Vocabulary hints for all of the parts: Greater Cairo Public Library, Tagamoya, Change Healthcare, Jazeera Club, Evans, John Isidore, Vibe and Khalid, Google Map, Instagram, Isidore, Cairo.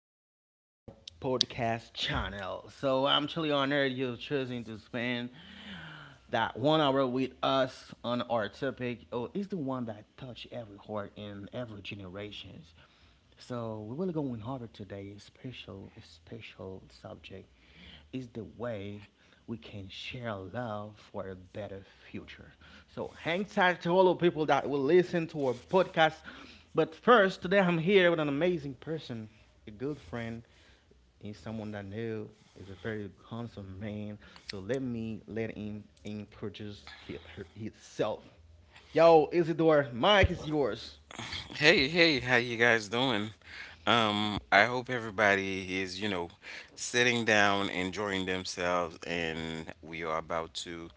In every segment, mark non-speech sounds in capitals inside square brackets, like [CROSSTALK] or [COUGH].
welcome to our podcast channel. So I'm truly honored you're choosing to spend that one hour with us on our topic. Oh, it's the one that touch every heart in every generations. So we're really going over today a special subject is the way we can share love for a better future. So hang tight to all the people that will listen to our podcast. But first, today I'm here with an amazing person, a good friend, is someone that I know is a very handsome man. So let me let him introduce he, her, himself. Yo, Isidore, mic is yours. Hey, hey, how you guys doing? I hope everybody is, sitting down, enjoying themselves, and we are about to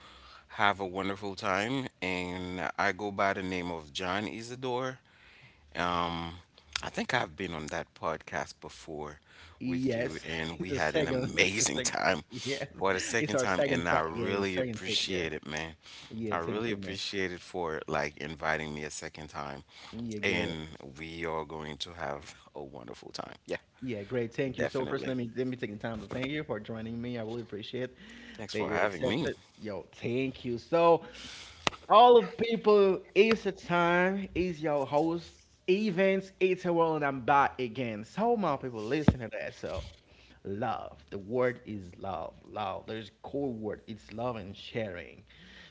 have a wonderful time. And I go by the name of John Isidore. Um, I think I've been on that podcast before with you, Yes, and [LAUGHS] it's we the had an second. [LAUGHS] It's the amazing second. time Yes, for the it's second our time, second and I time. Yeah, it's really second take. Yeah. appreciate it, man. Yeah, I thank really you, man. appreciate it for like inviting me a second time Yeah, great. and we are going to have a wonderful time. Yeah, Yeah, great. Thank you. So first, definitely. let me take the time to thank you for joining me. I really appreciate Thanks that for you're having me. accepted. Yo, thank you. So, all of people, it's the time. It's your host, Events. It's a world, and I'm back again. So, my people, listen to that. So, love. The word is love. Love. There's a core word. It's love and sharing.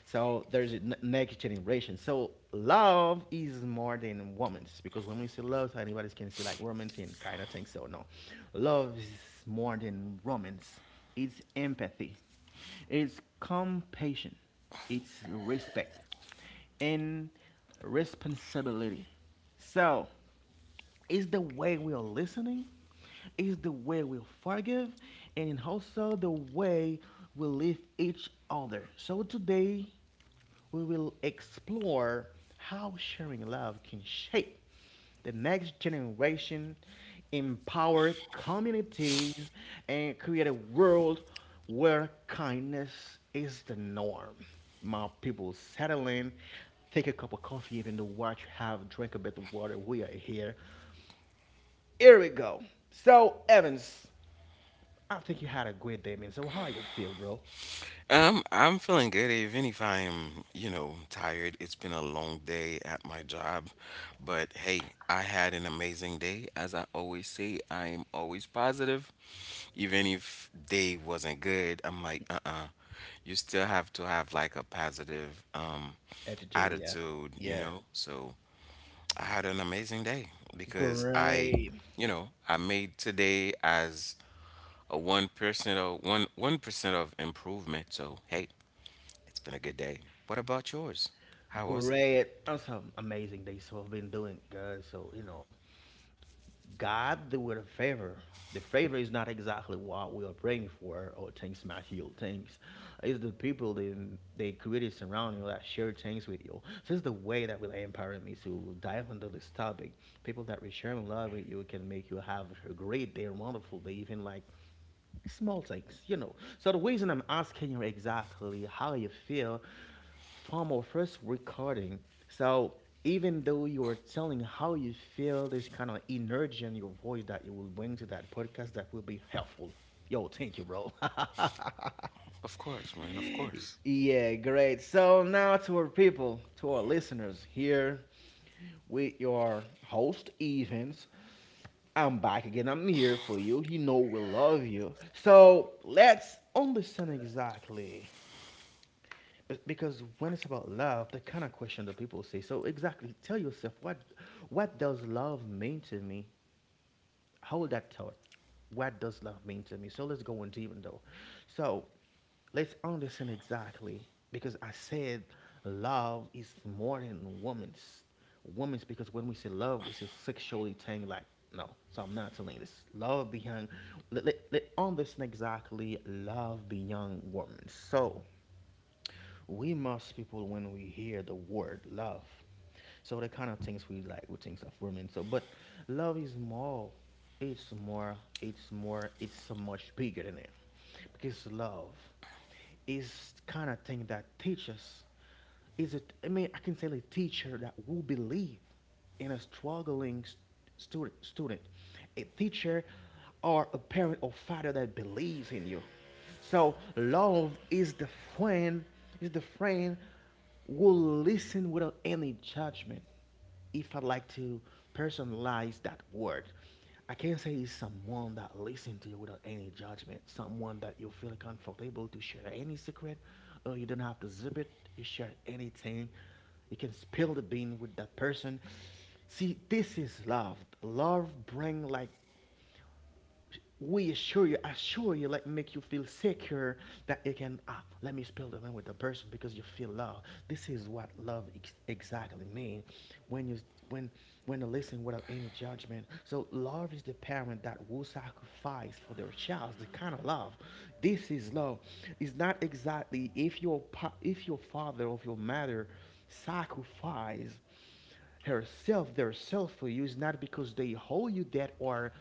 So there's a next generation. So love is more than romance because when we say love, so anybody can see like romance and kind of thing. So no, love is more than romance. It's empathy. It's compassion. It's respect and responsibility. So it's the way we are listening, it's the way we forgive, and also the way we live each other. So today we will explore how sharing love can shape the next generation, empower communities, and create a world where kindness is the norm. My people settle in, take a cup of coffee, even though what you have, drink a bit of water. We are here. Here we go. So Evans, I think you had a great day, man. So how you feel, bro? I'm feeling good, even if I am, tired. It's been a long day at my job, but hey, I had an amazing day. As I always say, I am always positive, even if day wasn't good. I'm like, uh-uh, you still have to have like a positive Attitude, yeah, attitude, you yeah. know. So. I had an amazing day because I, Great, you know, I made today as a 1% of one percent of improvement. So hey, it's been a good day. What about yours? How was it? great. I'm so amazing that you've been doing good. So you know, God do it a favor. The favor is not exactly what we are praying for or things material things. It's the people that they created surrounding you that share things with you. So it's the way that will empower me to dive into this topic. People that will share love with you can make you have a great day, wonderful day, even like small things, you know. So the reason I'm asking you exactly how you feel from our first recording. So even though you are telling how you feel, there's kind of energy in your voice that you will bring to that podcast that will be helpful. Yo, thank you, bro. Of course, man. Of course. [LAUGHS] Yeah, great. So now to our people, to our listeners here with your host Evans. I'm back again. I'm here for you. You know we love you. So let's understand exactly because when it's about love, the kind of question that people say, so exactly tell yourself what does love mean to me. Hold that thought. What does love mean to me? So let's go on deep though. So let's understand exactly because I said love is more than woman's. Woman's, because when we say love we say sexually thing like no. So I'm not telling you this love beyond. Let understand exactly love beyond woman. So we must people when we hear the word love. So the kind of things we like, we think of women. So, but love is more. It's more. It's more. It's so much bigger than it, because love is kind of thing that teaches, is a, I mean I can say a teacher that will believe in a struggling student, a teacher or a parent or father that believes in you. So love is the friend, is the friend who will listen without any judgment. If I like to personalize that word, I can say it's someone that listens to you without any judgment, someone that you feel comfortable to share any secret, or you don't have to zip it. You share anything. You can spill the bean with that person. See, this is love. Love bring like we assure you, let make you feel secure that you can. Ah, let me spell the language with the person because you feel love. This is what love exactly means. When you, when when you listen without any judgment. So love is the parent that will sacrifice for their child. The kind of love. This is love. It's not exactly if your father or your mother sacrifice herself their self for you is not because they hold you that or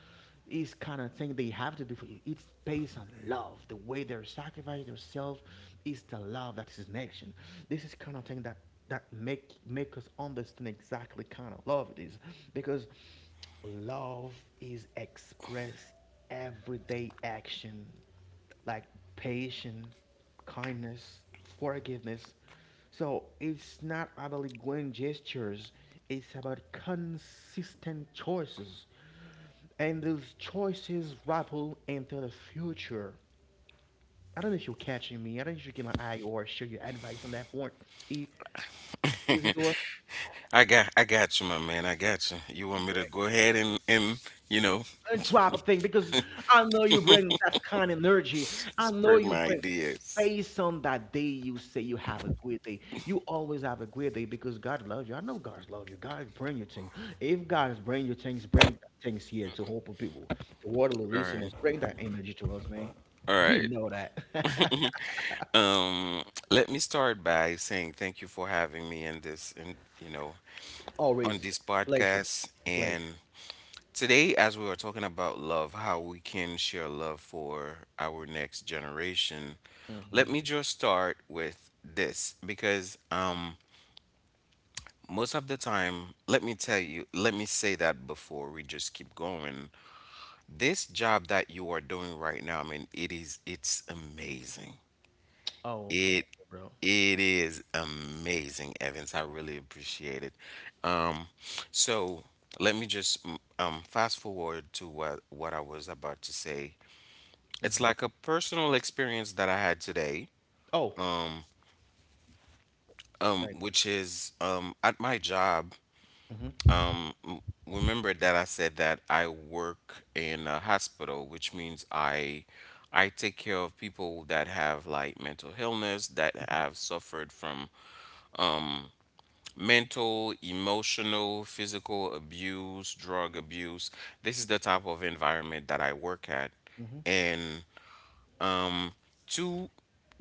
is kind of thing they have to do for you. It's based on love. The way they're sacrificing themselves is the love that is in action. This is kind of thing that that make make us understand exactly kind of love it is, because love is expressed everyday action like patience, kindness, forgiveness. So it's not about grand gestures, it's about consistent choices. And those choices ripple into the future. I don't know if you're catching me. I don't know if you can like I or share your advice on that point. I- Isidore? I got you, my man. I got you. You want me to Great. go ahead and you know And drop a thing because I know you bring that kind of energy. [LAUGHS] I know spread you my bring, ideas? based on that day you say you have a good day. You always have a good day because God loves you. I know God loves you. God bring your thing. If God is bring your things, bring things here to hope of people, the water, the All right. listeners, bring that energy to us, man. All [LAUGHS] He right. know that. [LAUGHS] Um, Let me start by saying thank you for having me in this and you know on Always this a pleasure, podcast a and pleasure. today, as we are talking about love, how we can share love for our next generation, Hmm. let me just start with this because most of the time, let me tell you, let me say that before we just keep going. This job that you are doing right now, I mean, it's amazing. Oh, thank It you, bro. it is amazing, Evans. I really appreciate it. Um, so let me just fast forward to what I was about to say. It's Hmm. like a personal experience that I had today, Oh, thank which is at my job. you. Remember that I said that I work in a hospital, which means I take care of people that have like mental illness that Hmm. have suffered from mental, emotional, physical abuse, drug abuse. This is the type of environment that I work at. Hmm. And to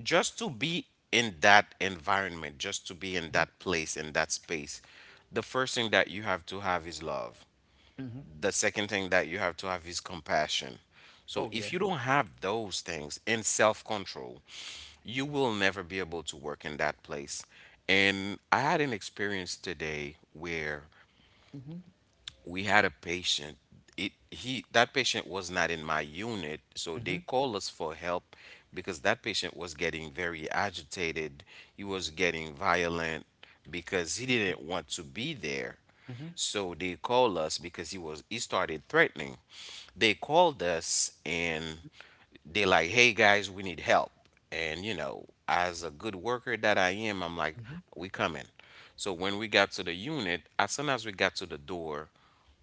just to be in that environment, just to be in that place, in that space, the first thing that you have to have is love. Hmm. The second thing that you have to have is compassion. So Oh yeah. if you don't have those things and self-control, you will never be able to work in that place. And I had an experience today where Mm. Hmm. we had a patient. It he That patient was not in my unit, so they Hmm. called us for help because that patient was getting very agitated. He was getting violent because he didn't want to be there. Hmm. So they called us because he started threatening. They called us, and they're like, hey guys, we need help. And, you know, as a good worker that I am, I'm like, Hmm. we coming. So when we got to the unit, as soon as we got to the door,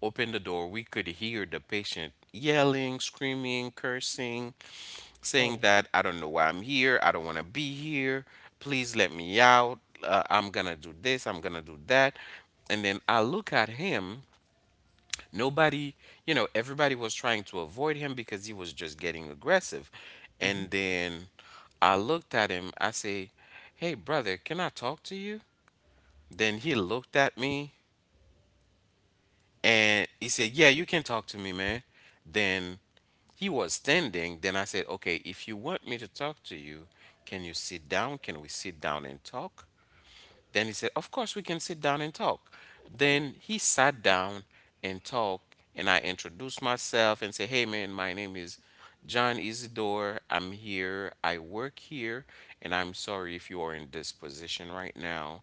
opened the door, we could hear the patient yelling, screaming, cursing, saying Oh. that I don't know why I'm here. I don't want to be here. Please let me out. I'm going to do this. I'm going to do that. And then I look at him. Nobody, you know, everybody was trying to avoid him because he was just getting aggressive. Hmm. And then I looked at him. I say, "Hey, brother, can I talk to you?" Then he looked at me and he said, "Yeah, you can talk to me, man." Then he was standing. Then I said, "Okay, if you want me to talk to you, can you sit down? Can we sit down and talk?" Then he said, of course, we can sit down and talk. Then he sat down and talked, and I introduced myself and said, hey, man, my name is John Isidore. I'm here. I work here, and I'm sorry if you are in this position right now.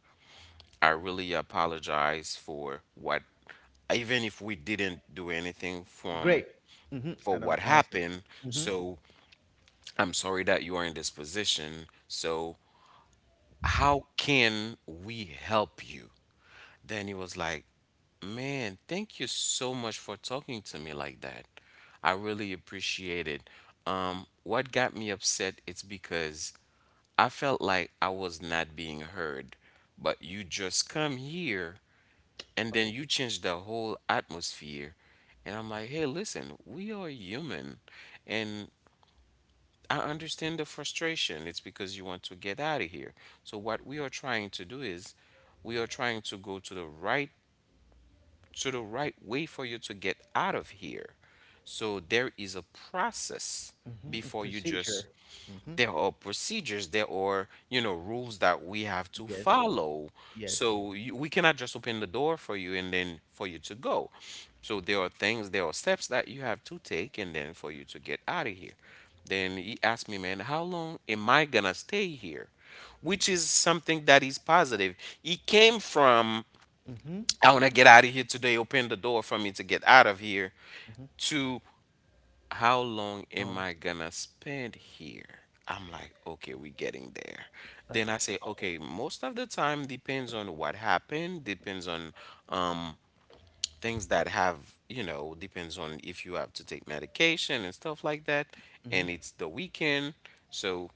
I really apologize for what, even if we didn't do anything from Great. Hmm. i for don't what i don't think. happened. Hmm. So I'm sorry that you are in this position. So how can we help you? Then he was like, man, thank you so much for talking to me like that. I really appreciate it. What got me upset is because I felt like I was not being heard, but you just come here and then Oh. you change the whole atmosphere. And I'm like, hey, listen, we are human. And I understand the frustration. It's because you want to get out of here. So, what we are trying to do is we are trying to go to the right way for you to get out of here. So there is a process Mm-hmm. before you just Procedure. Mm-hmm. there are procedures, there are, you know, rules that we have to Yes. follow. Yes. So we cannot just open the door for you and then for you to go. So there are things, there are steps that you have to take and then for you to get out of here. Then he asked me, man, how long am I gonna stay here? Which is something that is positive. He came from Mm-hmm. Mm-hmm. I want to get out of here today. Open the door for me to get out of here. To How long am Long. I gonna spend here? I'm like, okay, we're getting there. Then I say, okay, most of the time depends on what happened, depends on um things that have, you know, depends on if you have to take medication and stuff like that. Mm-hmm. And it's the weekend. So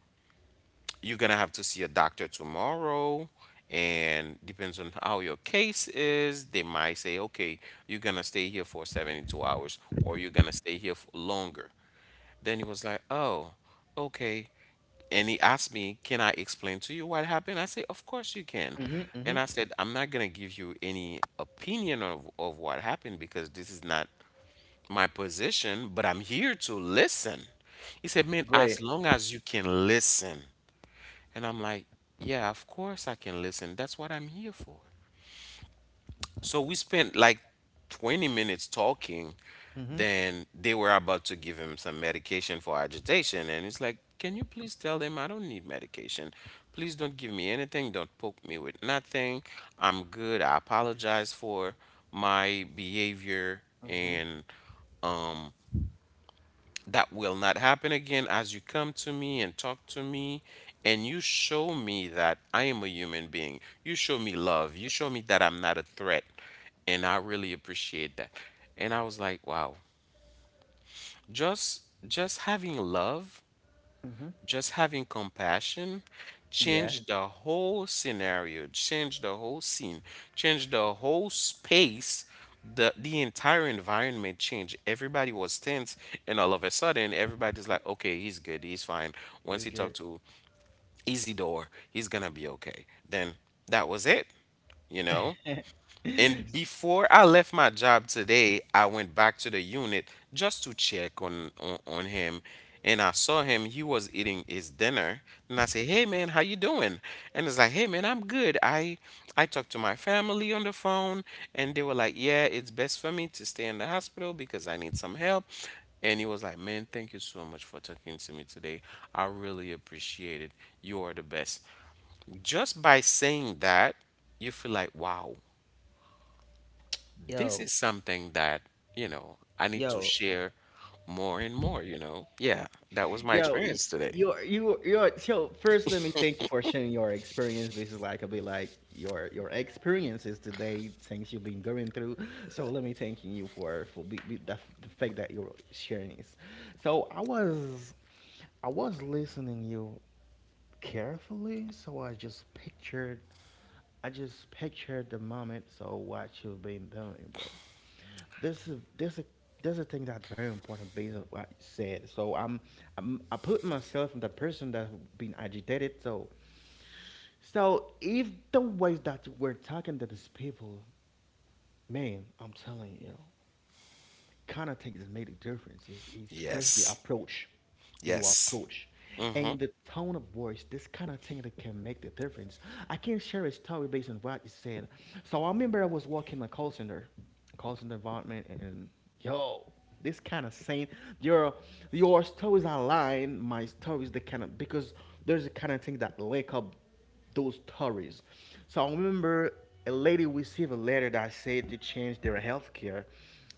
you're gonna have to see a doctor tomorrow, and depends on how your case is, they might say, okay, you're gonna stay here for 72 hours or you're gonna stay here for longer. Then he was like, oh, okay. And he asked me, can I explain to you what happened? I said, of course you can. Mm-hmm. Mm-hmm. And I said, I'm not gonna give you any opinion of what happened, because this is not my position, but I'm here to listen. He said, man, Great. as long as you can listen. And I'm like, yeah, of course I can listen. That's what I'm here for. So we spent like 20 minutes talking. Mm-hmm. Then they were about to give him some medication for agitation. And it's like, can you please tell them I don't need medication? Please don't give me anything. Don't poke me with nothing. I'm good. I apologize for my behavior. Mm-hmm. And um, that will not happen again. As you come to me and talk to me, and you show me that I am a human being, you show me love. You show me that I'm not a threat. And I really appreciate that. And I was like, wow. Just just having love, Mm-hmm. just having compassion Yeah, changed the whole scenario, changed the whole scene, changed the whole space. The entire environment changed. Everybody was tense, and all of a sudden, everybody's like, "Okay, he's good. He's fine." Once it's he good. talked to Isidore, he's gonna be okay. Then that was it. You know, and [LAUGHS] before I left my job today, I went back to the unit just to check on him. And I saw him, he was eating his dinner. And I said, hey man, how you doing? And it's like, hey man, I'm good. I talked to my family on the phone and they were like, yeah, it's best for me to stay in the hospital because I need some help. And he was like, man, thank you so much for talking to me today. I really appreciate it. You are the best. Just by saying that, you feel like, wow, this yo, is something that, you know, I need to yo, share more and more, you know. Yeah, that was my yo, y- experience today. you're you're so, first let me thank you for sharing your experience. This is like a bit like your experiences today, things you've been going through. So let me thanking you for the fact that you're sharing this. So I was listening you carefully, so I just pictured the moment. So what you've been doing, bro? This is this is this is a thing that's very important based on what you said. So I put myself in the person that's been agitated. So so if the ways that we're talking to these people, man, I'm telling you, context made a difference. Is first the Yes. approach, you Yes. approach, Mm-hmm. and the tone of voice. This kind of thing that can make the difference. I can share a story based on what you said. So I remember I was working in a call center environment, and yo, this kind of saying, your your stories align my stories. The kind of because there's a kind of thing that link up those stories. So I remember a lady received a letter that said to change their health care.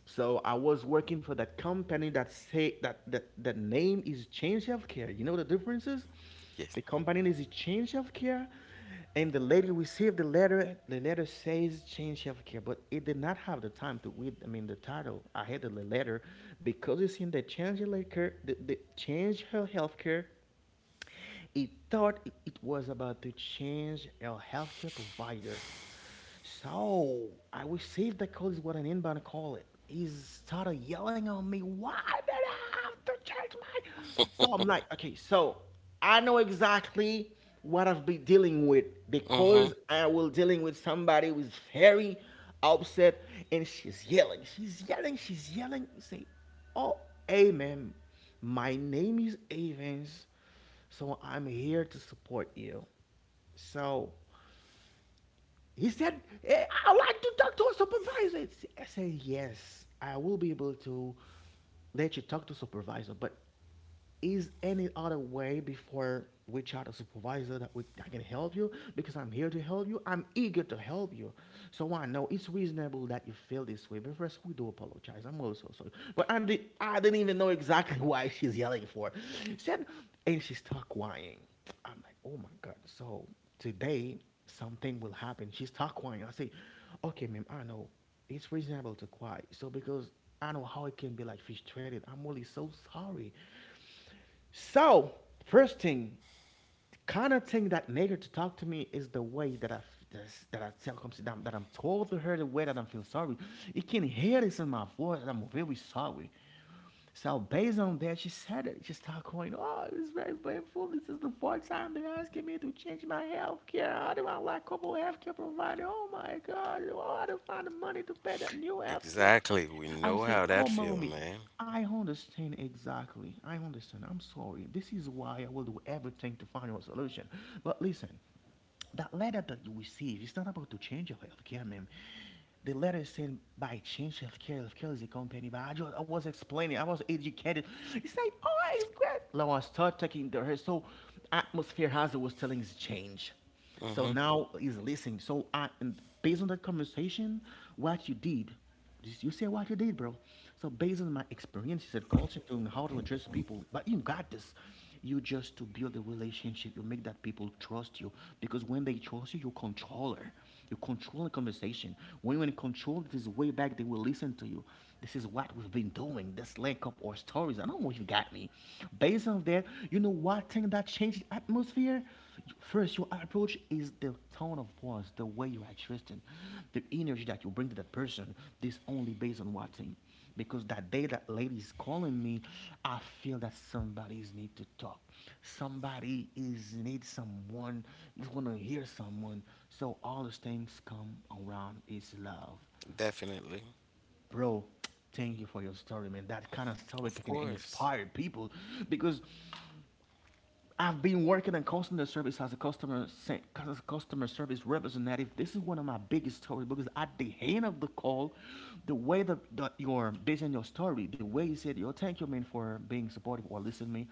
So I was working for that company that say that the name is Change Healthcare. You know the differences? Yes. The company is Change Healthcare, and the lady received the letter. The letter says Change Healthcare, but it did not have the time to read. I mean the title. I had the letter because it's in the Change Healthcare, the Change Healthcare, it thought it was about to change our healthcare provider. So I received the call is what an inbound call it. He started yelling on me, why did I have to change my. So I'm like, okay, so I know exactly what I've been dealing with Mm-hmm. because I will dealing with somebody who's very upset and she's yelling. You say, oh, hey ma'am, my name is Evans. So I'm here to support you. So he said, "Eh, I like to talk to a supervisor." I said, yes, I will be able to let you talk to supervisor, but is any other way before we chat a supervisor that we I can help you, because I'm here to help you. I'm eager to help you. So I know it's reasonable that you feel this way. But first, we do apologize. I'm also sorry. But I didn't even know exactly [LAUGHS] why she's yelling for. Said, and she start crying. I'm like, oh my God. So today something will happen. She start crying. I say, okay, ma'am, I know it's reasonable to cry. So because I know how it can be like frustrated. I'm really so sorry. So first thing, kind of thing that made her to talk to me is the way that I tell comes that I'm told to her the way that I'm feeling sorry. You can hear this in my voice. That I'm very sorry. So based on that, she said it. She started going, "Oh, it's very painful. This is the fourth time they're asking me to change my health care. How do I like couple health care provider? Oh my God! Oh, how do I find the money to pay that new health care?" Exactly. We I'm know saying, how that "Oh, feel, mommy, man. I understand exactly. I understand. I'm sorry. This is why I will do everything to find a solution. But listen, that letter that you receive is not about to change your healthcare, man. The letter is saying by change healthcare, healthcare is a company. I was explaining, I was educated. He said, "Oh, it's great." Now I start taking the her. So atmosphere hazard was telling is change. So Mm-hmm. now he's listening. So I, and based on that conversation, what you did, you say what you did, bro. So based on my experiences and culture and how to address people, but you got this. You just to build a relationship. You make that people trust you because when they trust you, you control her. You control the conversation. When you in control this way back, they will listen to you. This is what we've been doing. This link up or stories. I don't know if you got me. Based on that, you know what thing that. I change the atmosphere. First, your approach is the tone of voice, the way you are addressing, the energy that you bring to that person. This only based on what thing, because that day that lady is calling me, I feel that somebody's need to talk. Somebody is need someone. Is want to hear someone. So all those things come around is love, Definitely. bro. Thank you for your story, man. That kind of story Of can course. inspire people because I've been working in customer service as a customer service representative. This is one of my biggest stories because at the end of the call, the way that, that you're basing your story, the way you said, "Yo, thank you, man, for being supportive or listening to me,"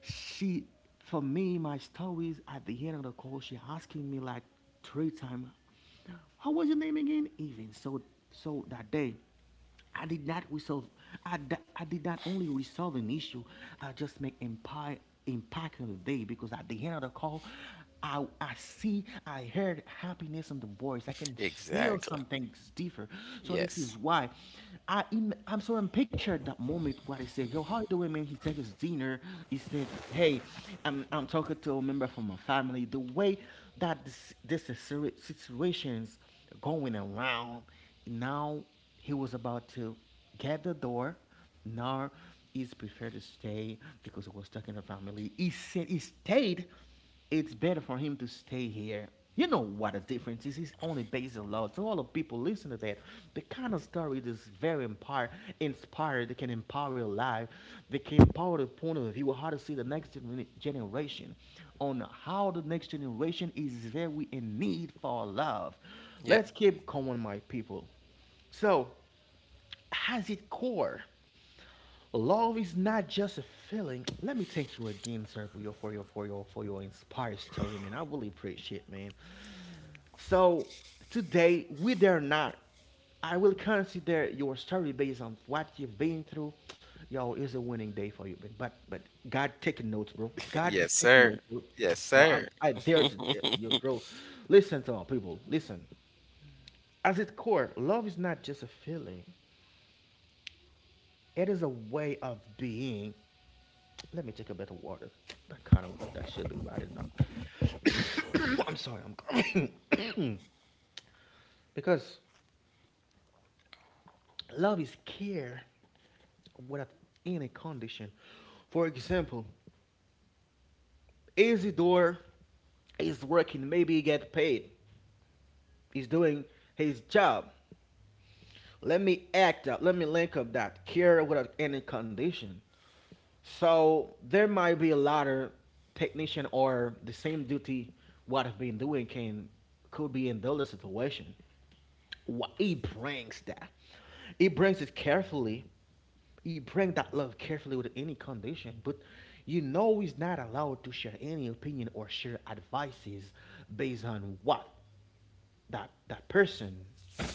she, for me, my stories at the end of the call, she asking me like three times, how was your name again? Even so, so that day, I did not resolve. I did not only resolve an issue. I just make empire impact of the day because at the end of the call, I see I heard happiness in the voice. I can feel Exactly. something different. So this is Yes. why I I'm sort of pictured that moment with what he said. Yo, how you doing, man? He take his dinner. He said, hey, I'm talking to a member from my family. The way that this situation's going around, now he was about to get the door. Now he's prepared to stay because he was talking to family. He said he stayed it's better for him to stay here. You know what the difference is. He's only based in love. So all the people listen to that. The kind of story that is very empire, inspired. They can empower your life. They can empower the point of view how to see the next generation, on how the next generation is very in need for love. Yep. Let's [LAUGHS] keep going, my people. So, has it core? Love is not just a feeling. Let me thank you again, sir, for your inspired story, man. I really appreciate, man. So today, with or not, I will consider your story based on what you've been through. Yo, it's a winning day for you, man. But God taking notes, bro. God is Yes, taking sir. notes, bro. Yes, Bro, I'm, sir. I dare to tell you, bro. Listen to all people. Listen. At its core, love is not just a feeling. It is a way of being. Let me take a bit of water. That kind of word that should be right in now. [COUGHS] I'm sorry, I'm coughing. [COUGHS] Because love is care without any condition. For example, Isidore is working, maybe he get paid. He's doing his job. Let me act up. Let me link up that care without any condition. So there might be a lot of technician or the same duty what I've been doing can could be in the situation. What he brings that, he brings it carefully. He brings that love carefully with any condition, but you know he's not allowed to share any opinion or share advices based on what that person.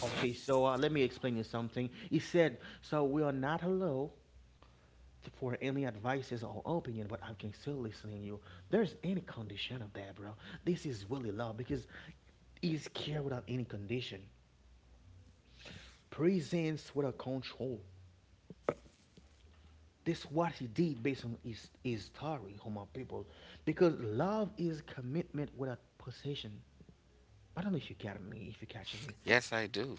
Okay, so let me explain you something. He said, so we are not allowed for any advices or opinion, but I can still listen to you. There's any condition of that, bro. This is really love because he's care without any condition, presence without control. This what he did based on his story, Homo people, because love is commitment without possession. I don't know if you catch me, if you catching me, Yes, I do.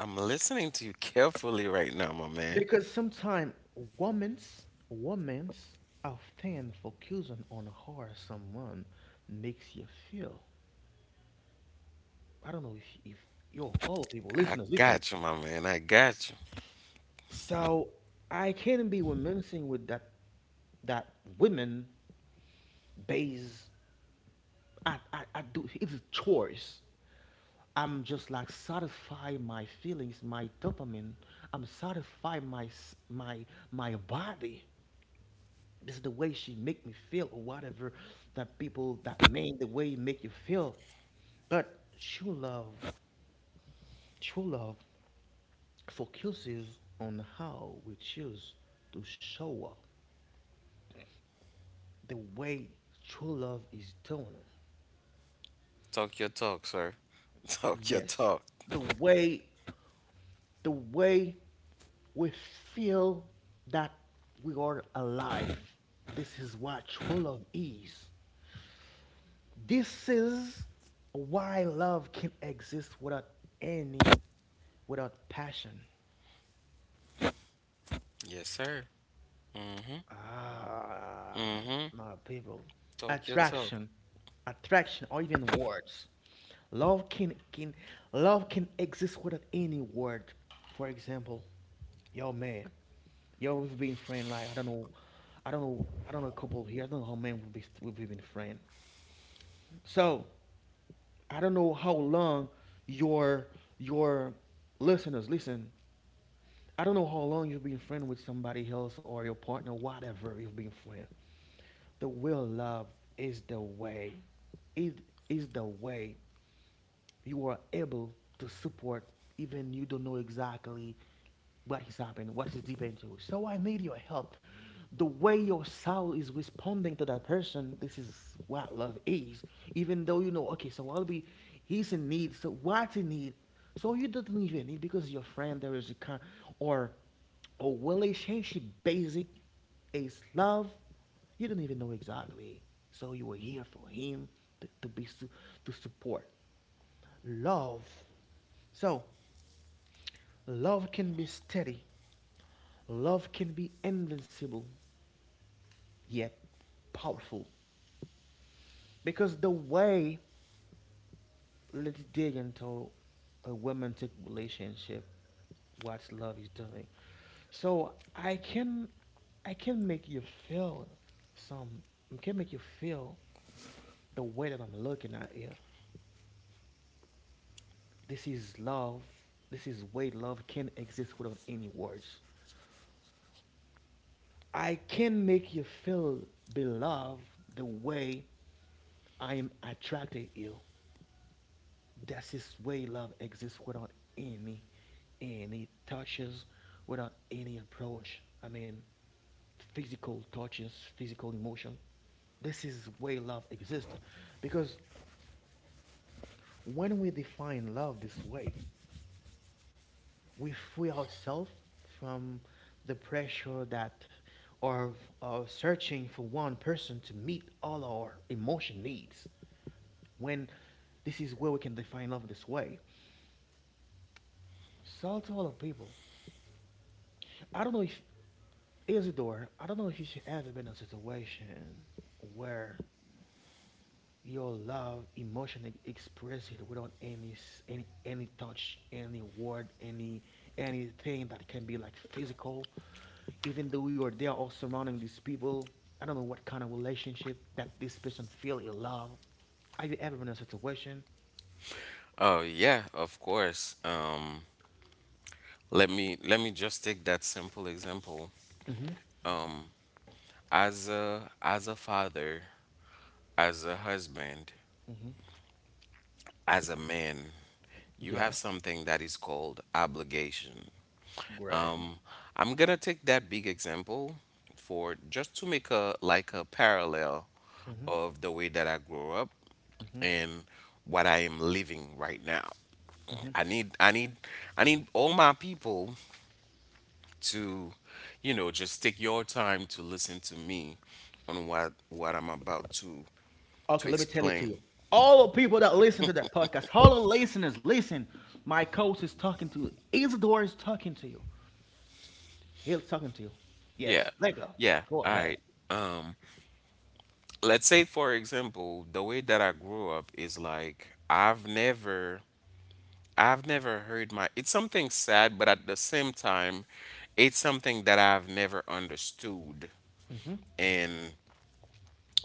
I'm listening to you carefully right now, my man. because sometimes women's often focusing on how someone makes you feel. I don't know if yo all people I listeners listen. got you, my man. I got you. So I can't be reminiscing with that women base. I do it's a choice. I'm just like satisfy my feelings, my dopamine. I'm satisfy my my body. This is the way she make me feel or whatever that people that mean the way make you feel. But true love, true love focuses on how we choose to show up, the way true love is done. Talk your talk, sir. [LAUGHS] Talk your Yes, talk. the way, the way we feel that we are alive. This is what true love is. This is why love can exist without any, without passion. Yes, sir. Ah, Mm-hmm. my people. Talk your talk. Attraction, attraction, or even words. Love can love can exist without any word. For example, yo man, yo we've been friend like I don't know, I don't know, I don't know a couple here. I don't know how many we've been friend. So, I don't know how long your your listeners listen. I don't know how long you've been friend with somebody else or your partner, whatever you've been friend. The real love is the way. It is the way you are able to support even you don't know exactly what is happening, what is deep into. So I need your help. The way your soul is responding to that person, this is what love is. Even though you know, okay, so I'll be, he's in need, so what's in need? So you don't even need because your friend there is a kind or a relationship basic is love. You don't even know exactly. So you were here for him to, to support love. So, love can be steady, love can be invincible, yet powerful. Because the way, let's dig into a romantic relationship, what love is doing. So, I can make you feel some, I can make you feel the way that I'm looking at you. This is love. This is way love can exist without any words. I can make you feel beloved the way I am attracted you. That's his way love exists without any any touches, without any approach. I mean physical touches, physical emotion. This is the way love exists. Because when we define love this way, we free ourselves from the pressure that or searching for one person to meet all our emotion needs when this is where we can define love this way. So to all the people, I don't know if Isidore, I don't know if you should ever been in a situation where your love emotion express it without any any touch any word any anything that can be like physical, even though you are there all surrounding these people. I don't know what kind of relationship that this person feel in love. Have you ever been in a situation? Oh yeah, of course. Let me just take that simple example. As a father, as a husband, Hmm. as a man, you have Yeah. something that is called obligation. Great. Um, I'm gonna take that big example for just to make a like a parallel Hmm. of the way that I grew up Hmm. and what I am living right now. Hmm. I need I need I need all my people to, you know, just take your time to listen to me on what I'm about to Okay, let me tell it to explain. you. All the people that listen to that podcast, all the listeners listen, my coach is talking to you, Isidore is talking to you. He's talking to you. Yes, Yeah. Lego. Yeah. Go All ahead. right. Um let's say for example, the way that I grew up is like I've never heard my it's something sad, but at the same time, it's something that I've never understood. Mm-hmm. And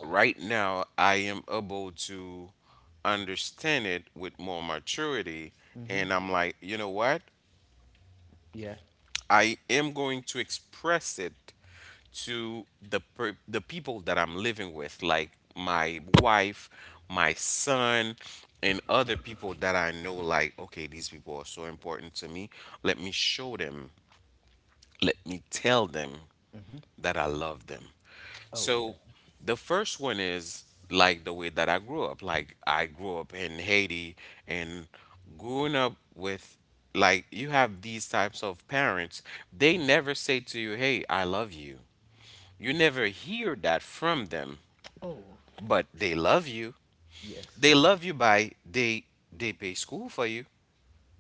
right now I am able to understand it with more maturity. Mm-hmm. And I'm like, you know what? Yeah. I am going to express it to the people that I'm living with, like my wife, my son, and other people that I know. Like, okay, these people are so important to me. Let me show them. Let me tell them that I love them. Oh yeah. So the first one is like the way that I grew up. Like I grew up in Haiti and growing up with like you have these types of parents, they never say to you, "Hey, I love you." You never hear that from them, Oh but they love you. yes. They love you by they pay school for you.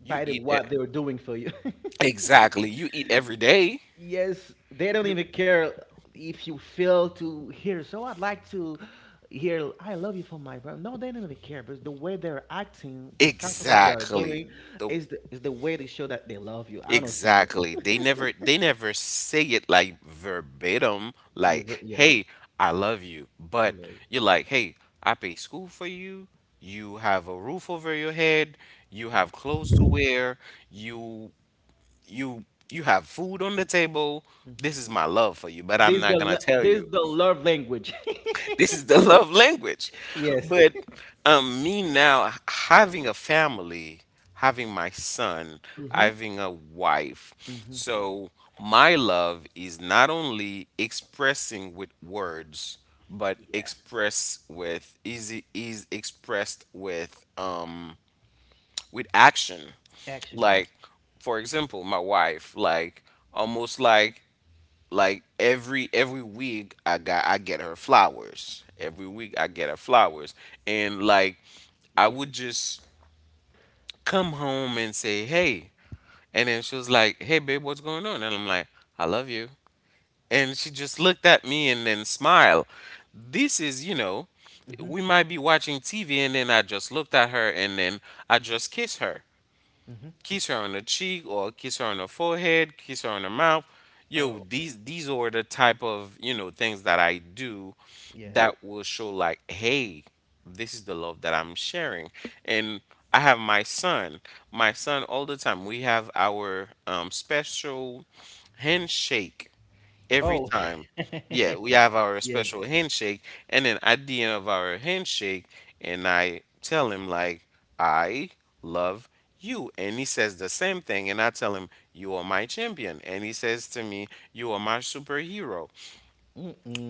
You By the eat e- what they're doing for you. [LAUGHS] exactly. You eat every day. Yes, they don't You even care if you fail to hear. So I'd like to hear "I love you" from my brother. No, they don't even care. But the way they're acting, the sacrifice they are exactly. doing, The is the way they show that they love you. I understand you. exactly. They [LAUGHS] never they never say it like verbatim, Yeah, like, yeah. hey, I love you. I But love you. you're like, hey, I pay school for you, you have a roof over your head, you have clothes to wear, you you you have food on the table. This is my love for you, but I'm not gonna tell This you the love language. this is the [LAUGHS] love language. [LAUGHS] Yes. But me now having a family, having my son, Mm-hmm. having a wife, Mm-hmm. so my love is not only expressing with words, but Yeah. express with is expressed with action. Action, Like yes. for example, my wife, like almost like every week I get her flowers. Every week I get her flowers. And like I Yeah. would just come home and say, "Hey." And then she was like, "Hey babe, what's going on?" And I'm like, "I love you." And she just looked at me and then smiled. This is, you know, Mm-hmm. we might be watching TV and then I just looked at her and then I just Mm-hmm. kiss her on the cheek or kiss her on the forehead, kiss her on the mouth. Yo, Oh. these are the type of you know things that I do Yeah. that will show like, hey, this is the love that I'm sharing. And I have my son all the time. We have our special handshake every Oh. time. [LAUGHS] Yeah, we have our Yeah. special handshake, and then at the end of our handshake, and I tell him like, I love you. And he says the same thing, and I tell him, you are my champion. And he says to me, you are my superhero.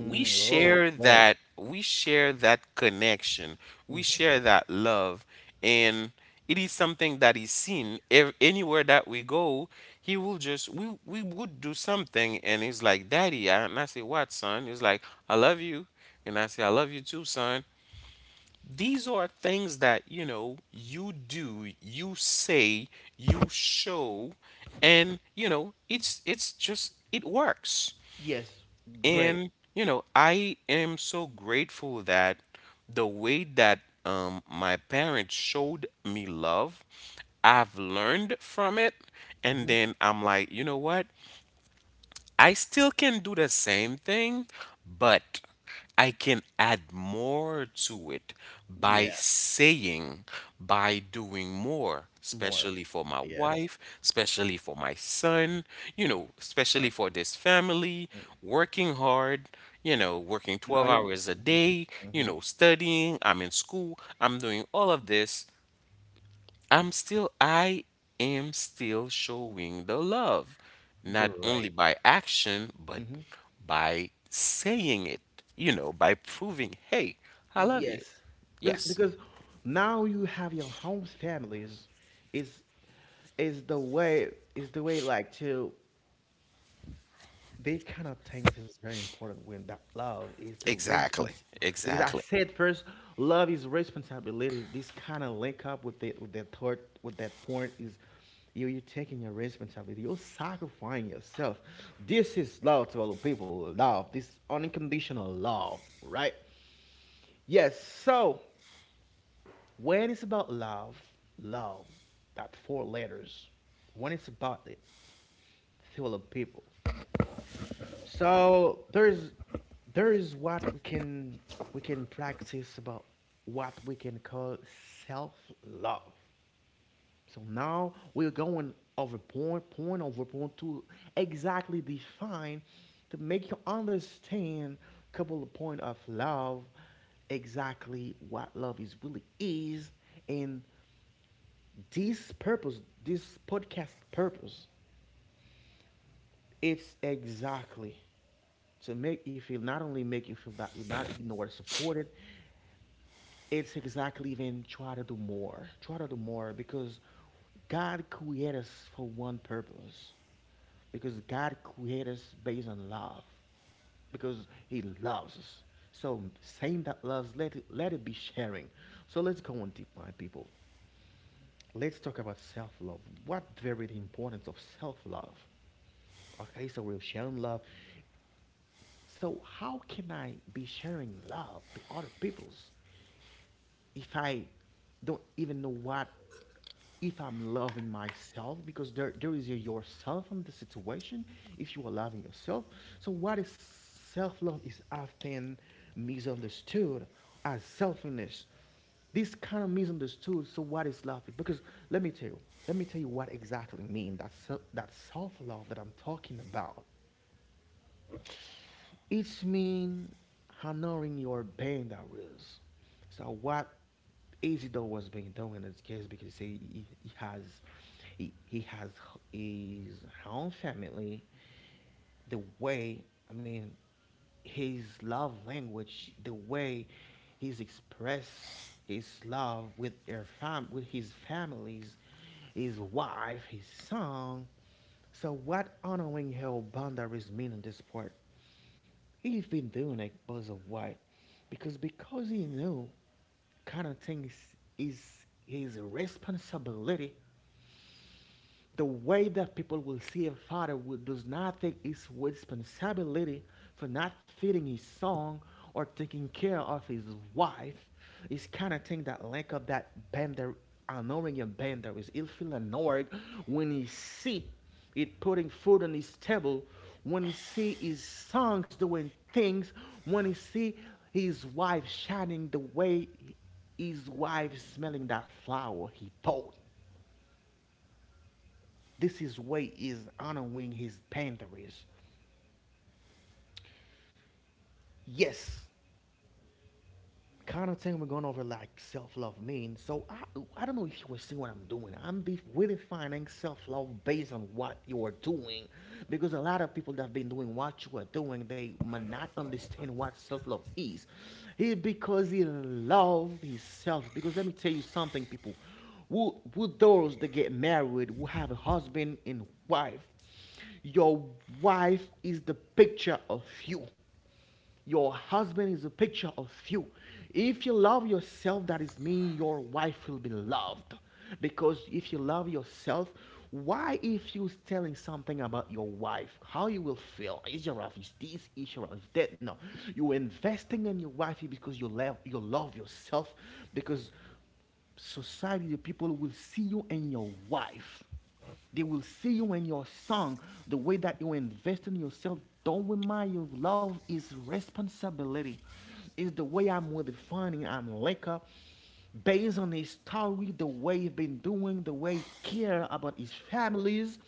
we Oh, share right. that we share that connection, we Hmm. share that love, and it is something that is seen anywhere that we go. He will just we would do something and he's like, daddy, I, and I say, what son? He's like, I love you. And I say, I love you too son. These are things that you know you do, you say, you show, and you know it's just it works. Yes. Great. And you know, I am so grateful that the way that my parents showed me love, I've learned from it. And Mm-hmm. then I'm like, you know what? I still can do the same thing, but I can add more to it by Yeah. saying, by doing more, More. especially for my Yeah. wife, especially for my son, you know, especially for this family, Mm. working hard, you know, working No, 12 you. hours a day, you Hmm. know, studying, I'm in school, I'm doing all of this. I am still showing the love, not only Great. by action, but Hmm. by saying it, you know, by proving, hey, I love you. Yes. Yes, Because now you have your home's families. Is is the way is the way like to they kind of things is very important when that love is the exactly, response because I exactly. said first love is responsibility. This kind of link up with the with that thought with that point is you taking your responsibility. You're sacrificing yourself. This is love to all the people. Love. This unconditional love, right? Yes. So when it's about love, love, that four letters. When it's about it, to all the people. So there is what we can practice about what we can call self love. So now we're going over point over point to exactly define to make you understand a couple of point of love exactly what love is really is, and this purpose this podcast purpose, it's exactly to make you feel, not only make you feel that you're not ignored, supported, it's exactly even try to do more. Try to do more because God created us for one purpose. Because God created us based on love. Because He loves us. So same that loves, let it be sharing. So let's go on deep, my people. Let's talk about self love. What very the importance of self love? Okay, so we're sharing love. So how can I be sharing love to other people's if I don't even know what, if I'm loving myself, because there is a yourself in the situation if you are loving yourself. So what is self-love is often misunderstood as selfishness. This kind of misunderstood. So what is love? Because let me tell you, let me tell you what exactly mean that that self-love that I'm talking about. It's mean honoring your pain that was. So what Isidore was being done in this case because he has he has his own family, the way, I mean, his love language, the way he's expressed his love with their fam with his families, his wife, his son. So what honoring her boundaries mean in this part? He's been doing it, Buzz of White, because he knew kind of things is his responsibility, the way that people will see a father who does not take his responsibility for not feeding his son or taking care of his wife is kind of thing that link up that bender annoying, and bender is ill feel annoyed when he see it putting food on his table, when he see his sons doing things, when he see his wife shining, the way his wife smelling that flower he bought, this is way is honoring his Panthers. Yes, kind of thing we're going over like self-love means. So I don't know if you will see what I'm doing. I'm redefining self-love based on what you're doing because a lot of people that have been doing what you are doing, they might not understand what self-love is. It because he loves himself. Because let me tell you something, people who those that get married, who have a husband and wife, your wife is the picture of you, your husband is a picture of you. If you love yourself, that is mean your wife will be loved. Because if you love yourself, why if you telling something about your wife, how you will feel? Is your wife is this? Is your wife is that? No, you investing in your wife because you love yourself. Because society, people will see you and your wife. They will see you and your son. The way that you invest in yourself, don't remind you, love is responsibility. It's the way I'm redefining, I'm like up based on his story, the way he's been doing, the way he care about his families.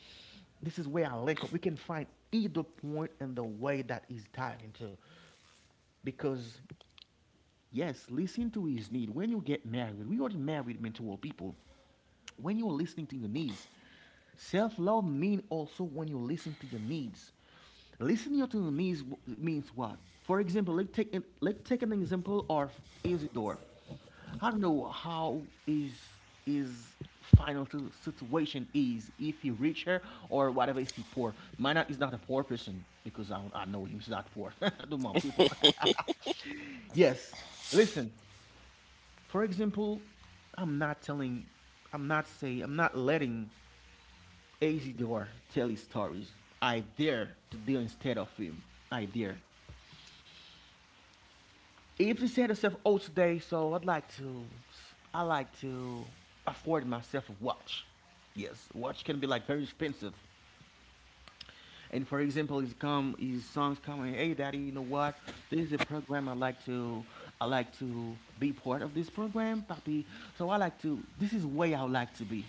This is where I link up. We can find either point in the way that he's diving into. Because yes, listen to his need. When you get married, we are married men to all people. When you're listening to your needs, self-love means also when you listen to your needs. Listening to your needs means what? For example, let's take an example of Isidore. I don't know how is his final situation is, if he rich her or whatever, if he poor. Mine is not a poor person because I know him, he's not poor. [LAUGHS] I don't want people. [LAUGHS] Yes, listen, for example, I'm not telling, I'm not saying, I'm not letting Azidor tell his stories. I dare to deal instead of him. I dare. If he said himself, oh, today, so I'd like to, I like to afford myself a watch. Yes, watch can be like very expensive. And for example, his come his songs coming, hey daddy, you know what? This is a program I like to, I like to be part of this program, papi. So I like to, this is way I would like to be.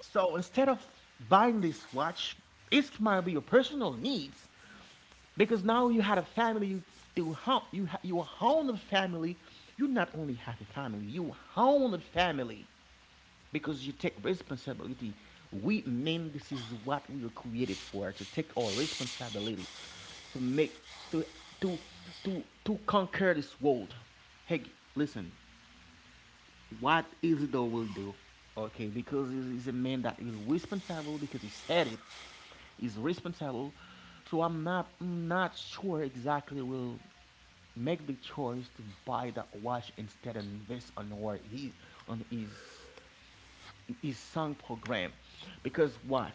So instead of buying this watch, it might be your personal needs because now you had a family. You do ho- you ha- you own a family. You not only have a family, you own a family because you take responsibility. We men, this is what we were created for, to take our responsibility, to make to to to conquer this world. Hey, listen, what Isidore will do, okay? Because he's a man that will responsible because he said it. He's responsible, so I'm not sure exactly will make the choice to buy that watch instead and invest on where he on his is sung program because what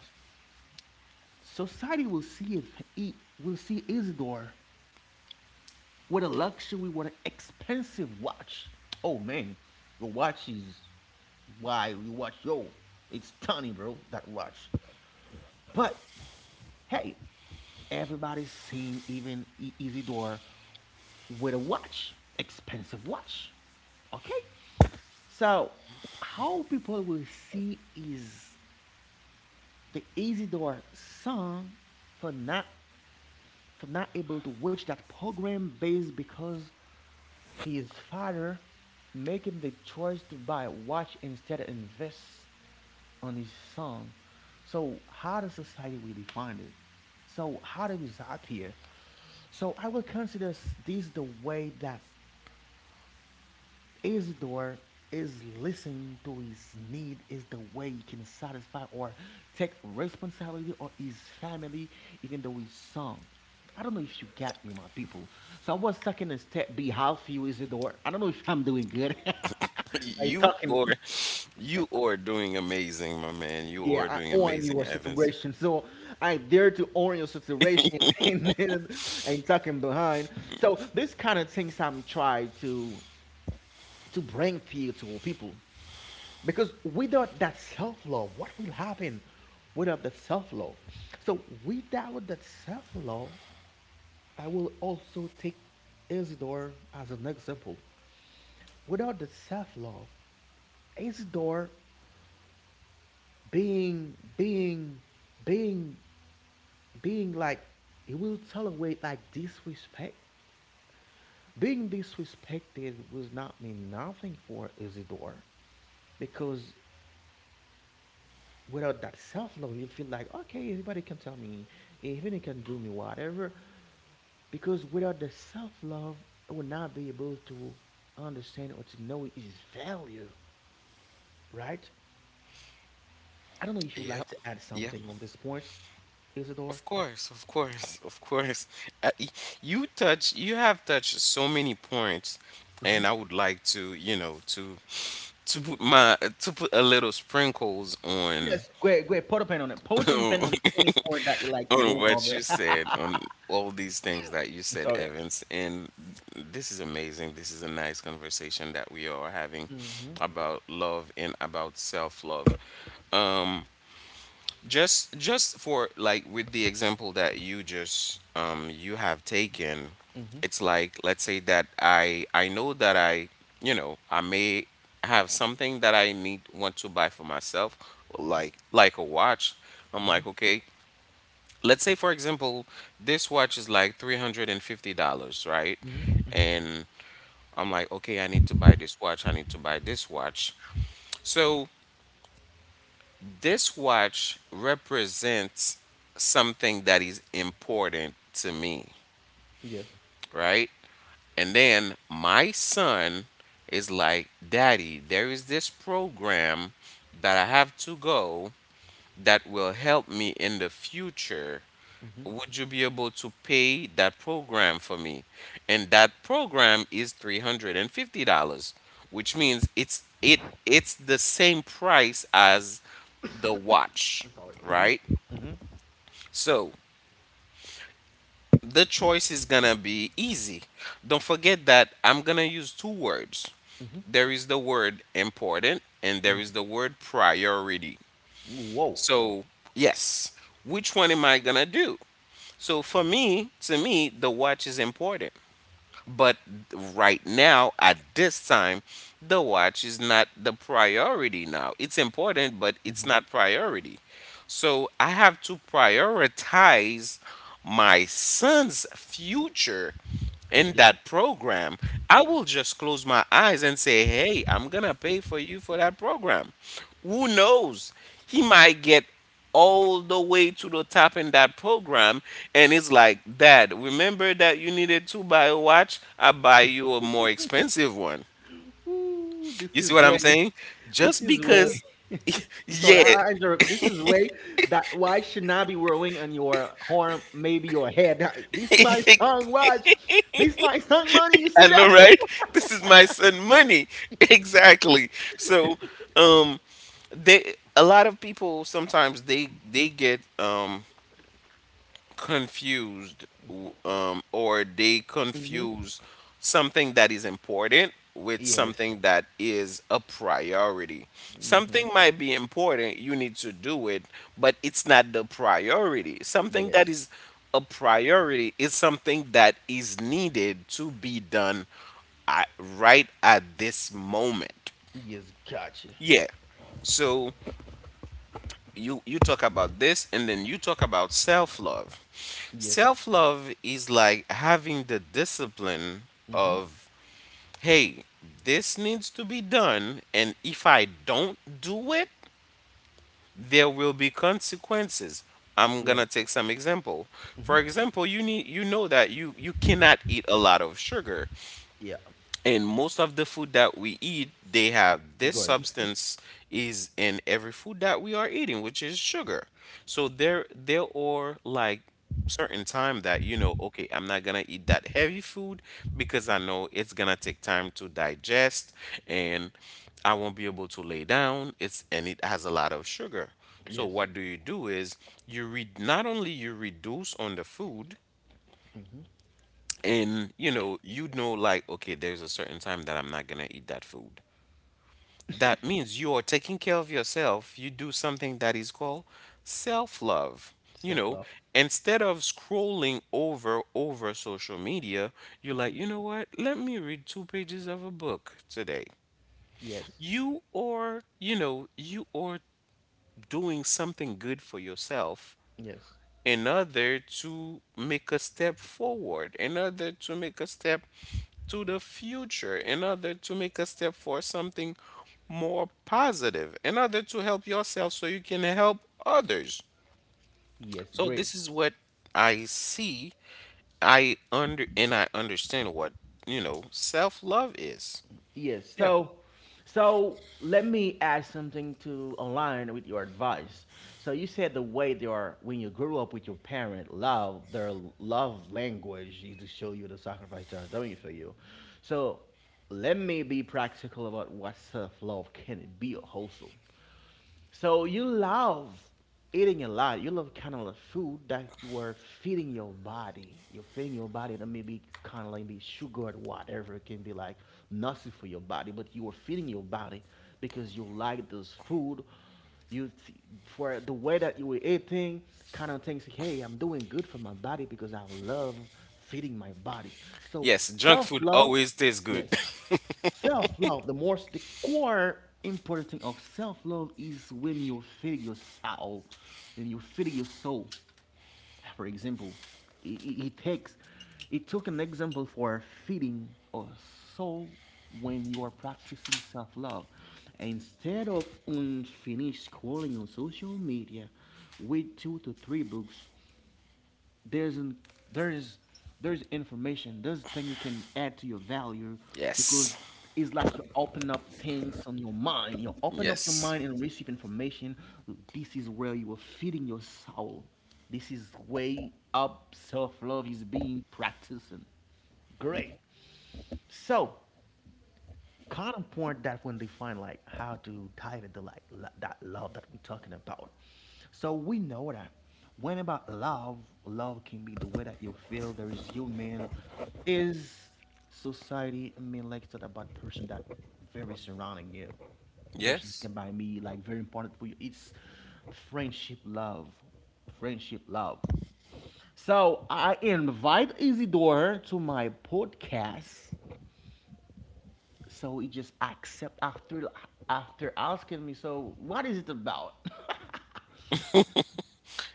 society will see it, it will see Isidore with a luxury, with an expensive watch. Oh man, your watch is, why you watch, yo, it's tiny bro, that watch. But hey, everybody's seen, even Isidore with a watch, expensive watch, okay. So how people will see is the Isidore son for not for not able to watch that program based because his father making the choice to buy a watch instead of invest on his son. So how does society really find it? So how do we stop here? So I will consider this the way that Isidore is listening to his need is the way he can satisfy or take responsibility of his family, even though he's son. I don't know if you got me, my people. So I was talking a step behalf you, Isidore. I don't know if I'm doing good [LAUGHS] [LAUGHS] by You talking. are, you are doing amazing, my man. You Yeah, are I doing own your amazing, Evans. situation. So I dare to own your situation [LAUGHS] and, and, and talking behind. So this kind of things I'm trying to bring fear to all people. Because without that self love, what will happen without the self love? So, without that self love, I will also take Isidore as an example. Without the self love, Isidore being, being, being, being like, he will tolerate like disrespect. Being disrespected will not mean nothing for Isidore because without that self love, you'll feel like, okay, everybody can tell me, everybody can do me whatever. Because without the self love, I would not be able to understand or to know its value, right? I don't know if you'd Yep, like to add yep. something on this point, Isidore. Of course, [LAUGHS] of course. Uh, y- you touch, you have touched so many points, Mm-hmm. and I would like to, you know, to Mm-hmm. put my to put a little sprinkles on Yes, great, great. Put a pen on it. Put some pen on [LAUGHS] any point that you like to on go what over. you [LAUGHS] said on all these things that you I'm said, sorry. Evans. And this is amazing. This is a nice conversation that we are having Mm-hmm. about love and about self love. Just for like with the example that you just you have taken, Mm-hmm. it's like let's say that I know that I you know, I may have something that I need want to buy for myself, like a watch. I'm Mm-hmm. like, okay, let's say for example, this watch is like $350, right? Mm-hmm. Mm-hmm. And I'm like, okay, I need to buy this watch I need to buy this watch. So this watch represents something that is important to me, Yes. right? And then my son is like, daddy, there is this program that I have to go that will help me in the future. Mm-hmm. Would you be able to pay that program for me? And that program is $350, which means it's the same price as the watch, right? Mm-hmm. So the choice is gonna be easy. Don't forget that I'm gonna use two words. There is the word important and there Mm-hmm. is the word priority. Whoa. So, yes, which one am I gonna do? So, for me, to me, the watch is important. But right now, at this time, the watch is not the priority now. It's important, but it's Mm-hmm. not priority. So, I have to prioritize my son's future in Yeah. that program. I will just close my eyes and say, hey, I'm going to pay for you for that program. Who knows? He might get all the way to the top in that program. And it's like, dad, remember that you needed to buy a watch? I buy you a more expensive one. Ooh, You this see is what way. I'm [LAUGHS] saying? This Just is way. because, [LAUGHS] I'm sorry, I, yeah, I interrupt you. This is way that why should not be rolling on your horn, maybe your head. [LAUGHS] [LAUGHS] This my I song, watch. This my song, money. You see know, that? right? This is my son money. [LAUGHS] Exactly. So, um, they a lot of people sometimes they get confused or they [LAUGHS] Hmm. confuse something that is important with Yes. something that is a priority. Hmm. Something might be important, you need to do it, but it's not the priority. Something Yes. that is a priority is something that is needed to be done at, right at this moment. Yes. Gotcha. Yeah. So you talk about this and then you talk about self-love. Yes. Self-love is like having the discipline Hmm. of, hey, this needs to be done, and if I don't do it, there will be consequences. I'm Yes. gonna take some example. Hmm. For example, you know that you cannot eat a lot of sugar, Yeah. and most of the food that we eat they have this Good. [LAUGHS] substance, is in every food that we are eating, which is sugar. So there are like certain time that you know, okay, I'm not gonna eat that heavy food because I know it's gonna take time to digest, and I won't be able to lay down, it's and it has a lot of sugar. So Yes. what do you do is you read not only you reduce on the food, Hmm. and you know, you know like, okay, there's a certain time that I'm not gonna eat that food. That means you are taking care of yourself, you do something that is called self-love. You Self know, love. instead of scrolling over social media, you're like, you know what, let me read two pages of a book today. Yes. You are, you know, you are doing something good for yourself. Yes. In order to make a step forward, in order to make a step to the future, in order to make a step for something more positive, in order to help yourself so you can help others. Yes. So Great. this is what I see. I understand what, you know, self-love is. Yes. Yeah. So, so let me add something to align with your advice. So you said the way they are, when you grew up with your parent, love their love language is to show you the sacrifice they are doing for you. So let me be practical about what self love can be also. So you love eating a lot. You love kind of the food that you are feeding your body. You're feeding your body that maybe kind of like be sugar or whatever. It can be like nothing for your body, but you are feeding your body because you like this food. You t- for the way that you were eating, kind of thinks, hey, I'm doing good for my body because I love feeding my body. So Yes, junk self food love. always tastes good. Yes. [LAUGHS] Self love, the most, the core important thing of self love is when you feed your soul, when you feed your soul. For example, it, it, it takes, it took an example for feeding a soul when you are practicing self love. Instead of unfinished scrolling on social media, read two to three books. There's an there is there's information. There's thing you can add to your value, Yes. because it's like you open up things on your mind, you open up your Yes. mind and receive information. This is where you are feeding your soul. This is way up self-love is being practiced. Great. So kind of important that when define like how to dive into like that love that we're talking about. So we know that when about love, love can be the way that you feel. There is human, is society. I mean, like talk about person that very surrounding you. Person Yes. can by me like very important for you. It's friendship, love, friendship, love. So I invite Isidore to my podcast, so he just accept after asking me, so what is it about?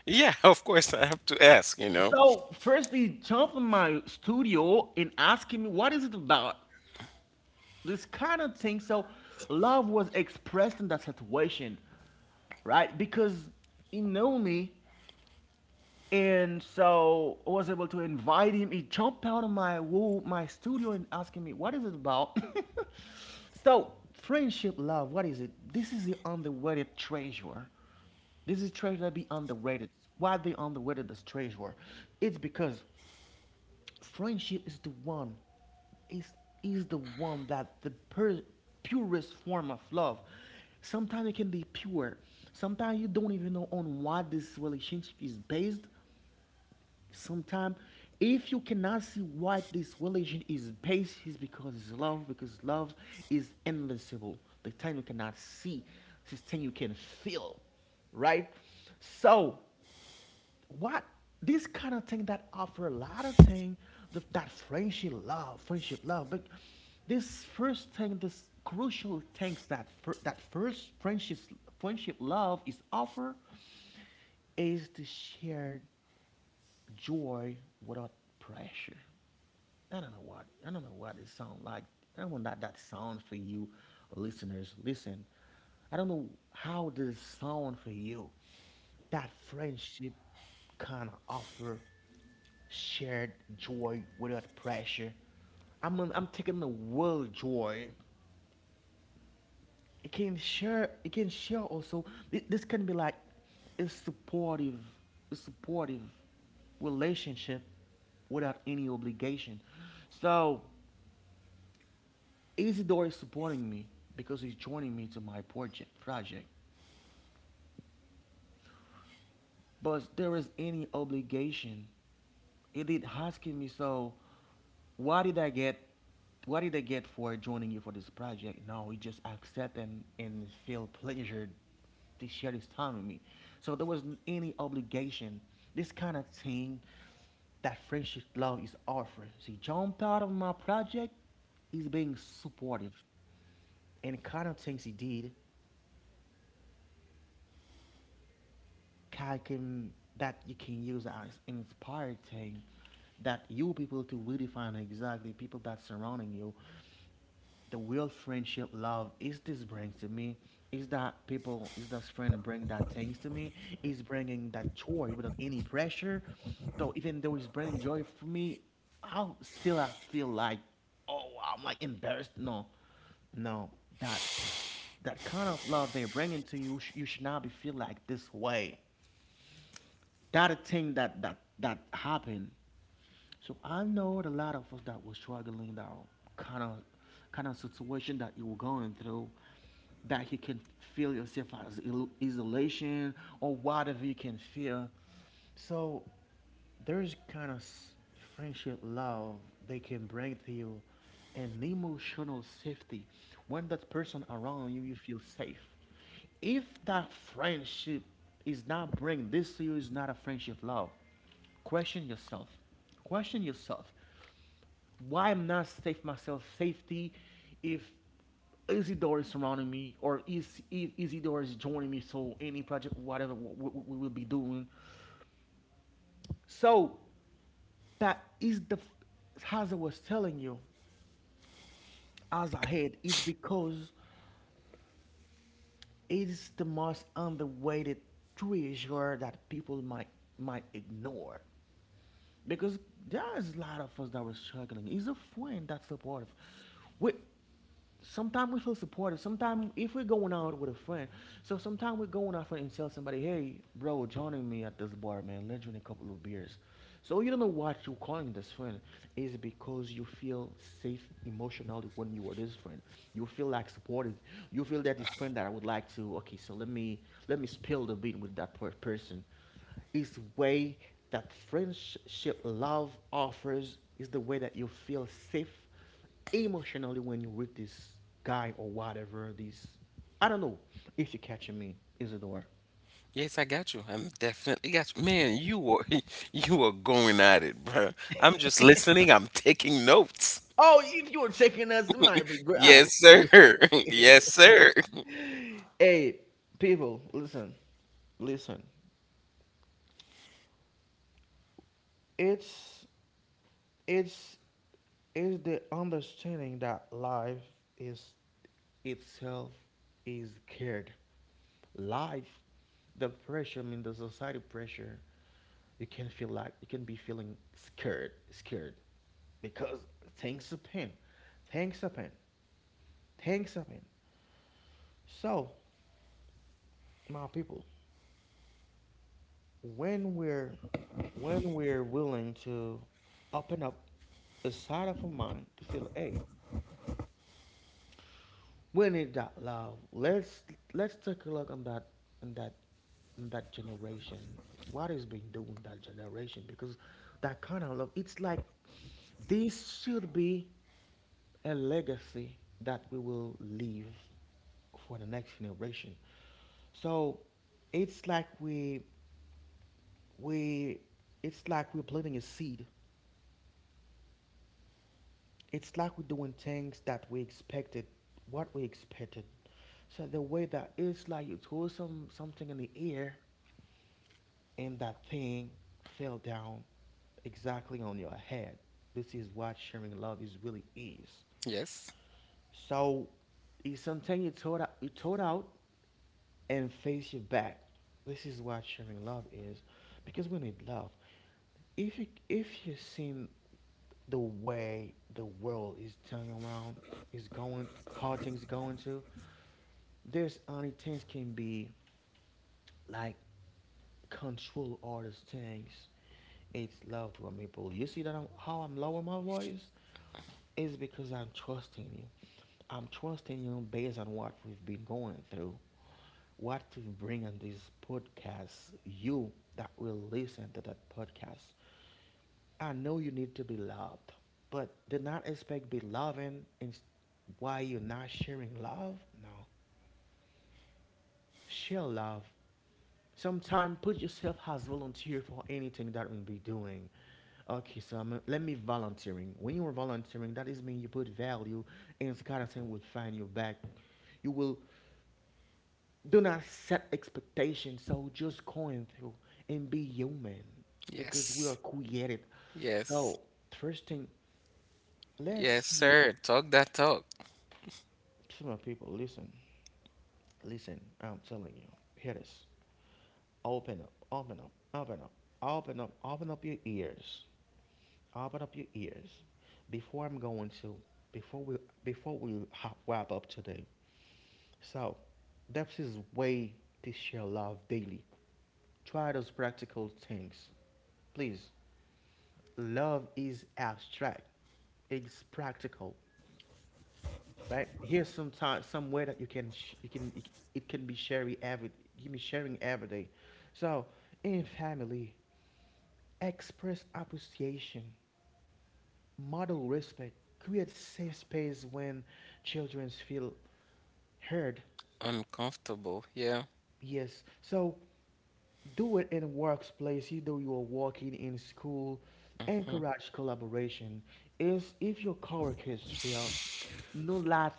Yeah, [LAUGHS] of course I have to ask, you [LAUGHS] know. So first he jumped in my studio and asking me, what is it about? This kind of thing. So love was expressed in that situation, right? Because he knew me. And so I was able to invite him. He jumped out of my my studio and asking me, what is it about? [LAUGHS] So friendship, love, what is it? This is the underrated treasure. This is treasure that be underrated. Why they underrated this treasure? It's because friendship is the one, is is the one that the purest form of love. Sometimes it can be pure. Sometimes you don't even know on what this relationship is based. Sometimes, if you cannot see what this religion is based, is because it's love, because love is invincible. The thing you cannot see, this thing you can feel, right? So, what this kind of thing that offer a lot of thing, that friendship, love, but this first thing, this crucial things that that first friendship, love is offer is the shared joy without pressure. I don't know what it sounds like. I don't know what that sound for you listeners. Listen, I don't know how this sound for you. That friendship kind of offer shared joy without pressure. I'm taking the word joy. It can share also. This can be like a supportive a supportive relationship without any obligation. So Isidore is supporting me because he's joining me to my project, but there is any obligation. It did asking me, so what did I get? What did I get for joining you for this project? No, he just accept, and feel pleasured to share this time with me. So there wasn't any obligation. This kind of thing that friendship love is offering. See, John part of my project is being supportive, and the kind of things he did can, that you can use as inspiring, that you people to redefine exactly people that surrounding you, the real friendship love is this brings to me, is that people, is that friend bring that things to me, is bringing that joy without any pressure, though even though it's bringing joy for me, I'll still, I feel like, oh, I'm like embarrassed, no, no, that that kind of love they're bringing to you, you should not be feel like this way, that thing that happened. So I know a lot of us that were struggling, that kind of kind of situation that you were going through, that you can feel yourself as isolation or whatever you can feel. So there's kind of friendship love they can bring to you, and emotional safety. When that person around you, you feel safe. If that friendship is not bringing this to you, is not a friendship love. Question yourself. Question yourself. Why I'm not safe myself safety if Isidore is surrounding me, or is if Isidore is joining me so any project whatever we will be doing. So that is the, as I was telling you, as I had, it's because it's the most underrated treasure that people might ignore. Because there is a lot of us that were struggling. He's a friend that's supportive. We sometimes we feel supported. Sometimes if we're going out with a friend, so sometimes we're going out friend and tell somebody, hey, bro, joining me at this bar, man. Let's drink a couple of beers. So you don't know what you're calling this friend is because you feel safe emotionally when you are this friend. You feel like supported. You feel that this friend that I would like to. Okay, so let me spill the beat with that person. Is way that friendship love offers is the way that you feel safe emotionally when you're with this guy or whatever. This I don't know if you're catching me. Is it the Yes, I got you. I'm definitely got you. Man, you were [LAUGHS] you are going at it, bro. I'm just listening. I'm taking notes. Oh, if you were taking us, it might be great. Yes, Honest. sir. [LAUGHS] Yes, sir. [LAUGHS] Hey, people, listen, listen. It's It's is the understanding that life is itself is cared. Life, the pressure, I mean the society pressure, you can feel like you can be feeling scared, scared. Because things happen. Things happen. Things happen. So, my people, when we're when we're willing to open up the side of our mind to feel, hey, we need that love. Let's take a look on that on that generation. What is being done with that generation? Because that kind of love, it's like this should be a legacy that we will leave for the next generation. So it's like we we're planting a seed. It's like we're doing things that we expected, what we expected. So the way that it's like you throw something in the air, and that thing fell down exactly on your head. This is what sharing love is really is. Yes. So it's something you throw out, and face your back. This is what sharing love is, because we need love. If you seen the way the world is turning around, is going, how things going to. There's only things can be like control all those things. It's love to people. You see that how I'm lowering my voice? It's because I'm trusting you. I'm trusting you based on what we've been going through. What to bring on this podcast, you that will listen to that podcast. I know you need to be loved, but do not expect be loving and why you're not sharing love. No, share love. Sometime put yourself as volunteer for anything that we'll be doing. Okay, so let me volunteering. When you are volunteering, that is mean you put value, and it's kind of thing will find you back. You will do not set expectations. So just going through and be human because we are Yes. created. Yes. So first thing, let's Yes, see. sir. Talk that talk. To my people, listen, listen. I'm telling you, hear this. Open up, open up, open up, open up, open up your ears. Open up your ears. Before I'm going to, before we, before we wrap up today. So, that's his way to share love daily. Try those practical things. Please, love is abstract. It's practical, right? Here's some time, somewhere that you can, it can be you be sharing every day. So in family, express appreciation, model respect, create safe space when children feel heard. Uncomfortable. Yeah. Yes. So do it in workplace, either you are working in school. Encourage collaboration. Is if your coworkers fail, no laugh,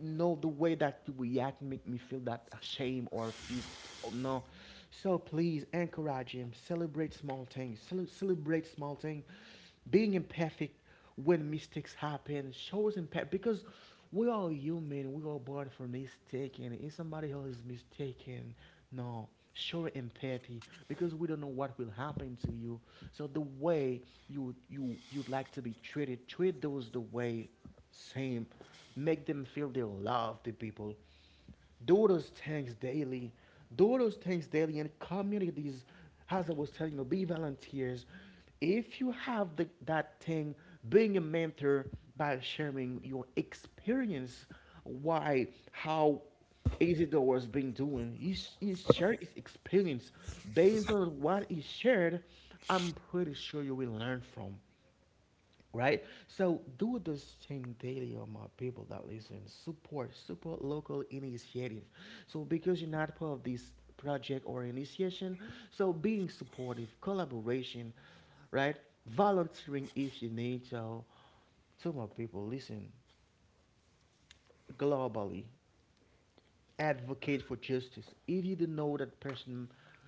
no the way that you react make me feel that shame or is oh, no. So please encourage him. Celebrate small things. Celebrate small things. Being imperfect when mistakes happen, shows impact, because we are human, we are born for mistaken. If somebody else is mistaken, no, show empathy because we don't know what will happen to you. So the way you'd like to be treated, treat those the way same. Make them feel they love the people. Do those things daily. Do those things daily in communities. As I was telling you, be volunteers. If you have that thing, being a mentor by sharing your experience, why, how Isidore was been doing. He shared his experience. Based on what he shared, I'm pretty sure you will learn from, right? So do this thing daily on my people that listen. Support, support local initiative. So because you're not part of this project or initiation, so being supportive, collaboration, right? Volunteering if you need to. To my people, listen globally, advocate for justice. If you don't know that person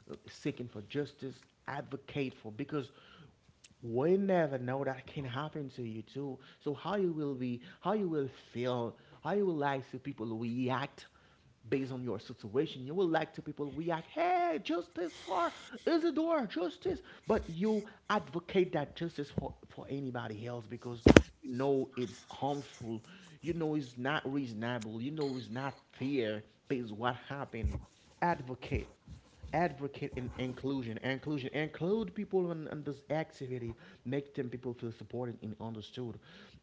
seeking for justice, advocate for because we never know that can happen to you too. So how you will be, how you will feel, how you will like to people react based on your situation. You will like to people react, hey, justice for Isidore, justice. But you advocate that justice for, anybody else because you know it's harmful. You know it's not reasonable. You know it's not fair is what happened. Advocate. Advocate in inclusion. Inclusion. Include people in, this activity. Make them people feel supported and understood.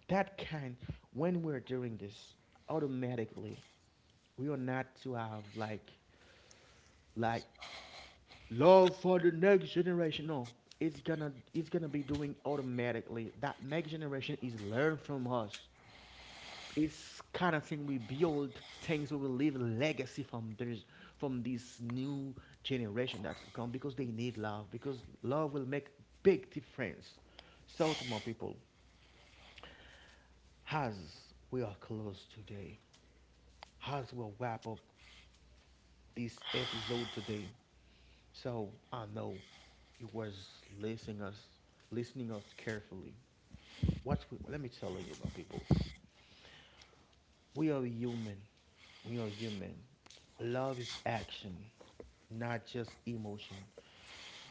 That kind, when we're doing this, automatically, we are not to have like, like love for the next generation. No, it's gonna be doing automatically. That next generation is learn from us, it's kind of thing we build things, we will leave a legacy from this, from this new generation that's to come, because they need love, because love will make big difference. So to my people, as we are close today, as we'll wrap up this episode today, so I know you was listening us, listening us carefully. What's we, let me tell you my people, we are human. We are human. Love is action, not just emotion.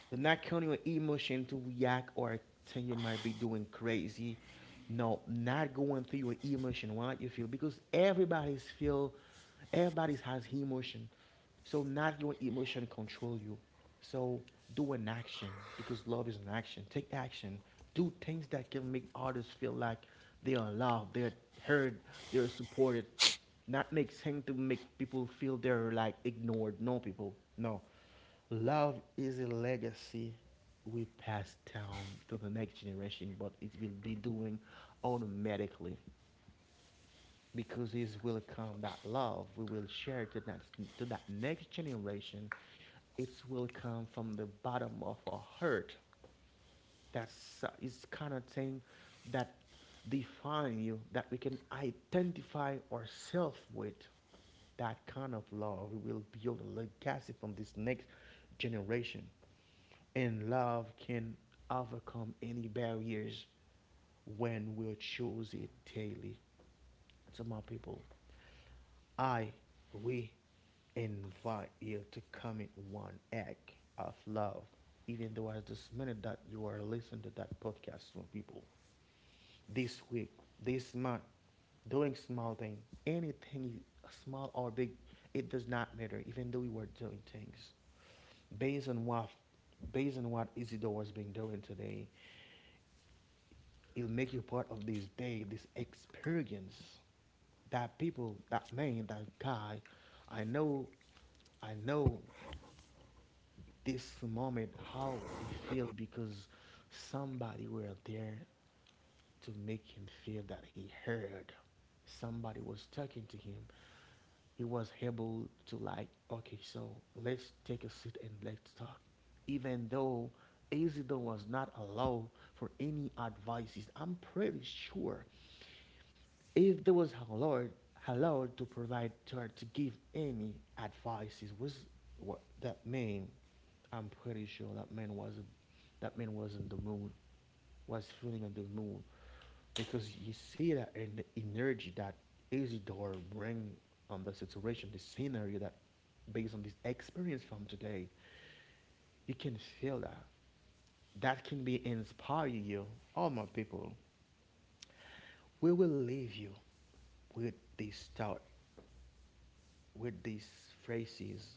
Do not count your emotion to react or think you might be doing crazy. No, not going through your emotion, what you feel, because everybody's feel, everybody's has emotion. So not your emotion control you. So do an action because love is an action. Take action. Do things that can make others feel like they are loved, they're heard, they're supported. Not make things to make people feel they're like ignored. No people. No. Love is a legacy we pass down to the next generation, but it will be doing automatically, because it will come that love we will share to that, to that next generation. It will come from the bottom of our heart. That's It's kind of thing that define you, that we can identify ourselves with. That kind of love we will build a legacy from this next generation. And love can overcome any barriers when we choose it daily. To my people, I, we invite you to commit one act of love, even though at this minute that you are listening to that podcast from people. This week, this month, doing small thing, anything small or big, it does not matter, even though you were doing things. Based on what based on what Isidore has been doing today, it'll make you part of this day, this experience. That people, that man, that guy, I know I know this moment how he feel, because somebody were there to make him feel that he heard, somebody was talking to him, he was able to like okay, so let's take a seat and let's talk. Even though Isidore was not allowed for any advices, I'm pretty sure if there was allowed, allowed to provide her to give any advices was what that man, I'm pretty sure that man was on the moon, was feeling on the moon, because you see that in the energy that Isidore bring on the situation, the scenario, that based on this experience from today, you can feel that. That can be inspire you. All my people, we will leave you with this thought, with these phrases.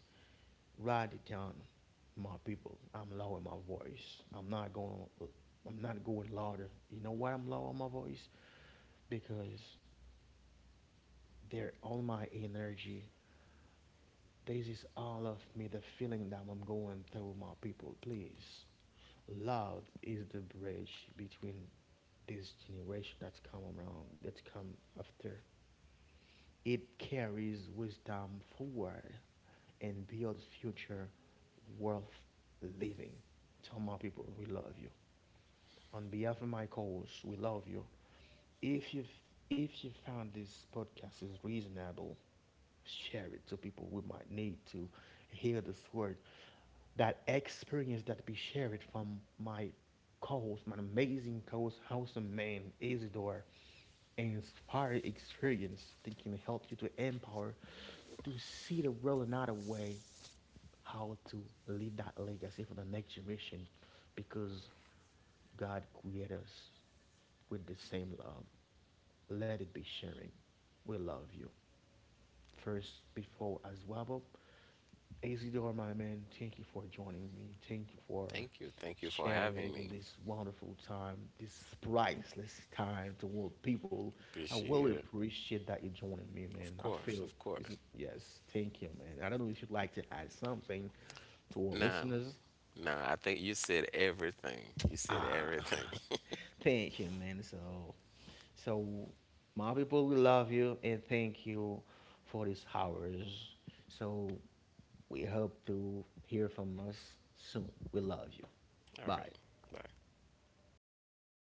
Write it down, my people. I'm lowering my voice. I'm not going. I'm not going louder. You know why I'm lowering my voice? Because they're all my energy. This is all of me, the feeling that I'm going through, my people. Please, love is the bridge between this generation that's come around, that's come after. It carries wisdom forward and builds future worth living. Tell my people, we love you. On behalf of my co-host, we love you. If you if you found this podcast is reasonable, share it to people who might need to hear this word. That experience that be shared from my co-host, my amazing co-host, awesome man, Isidore, inspired experience thinking help you to empower, to see the world another way, how to leave that legacy for the next generation, because God created us with the same love. Let it be sharing. We love you. First, before as well, Isidore, my man, thank you for joining me. Thank you for Thank you. Thank you for having sharing me. this wonderful time, this priceless time to all people. I really Appreciate it. appreciate that you're joining me, man. Of I course. feel Of course. Yes, thank you, man. I don't know if you'd like to add something to our Nah. listeners. Nah. I think you said everything. You said Ah, everything. [LAUGHS] thank you, man. So, my people, we love you and thank you for these hours. So, we hope to hear from us soon. We love you. [LAUGHS] All right. Bye. Bye.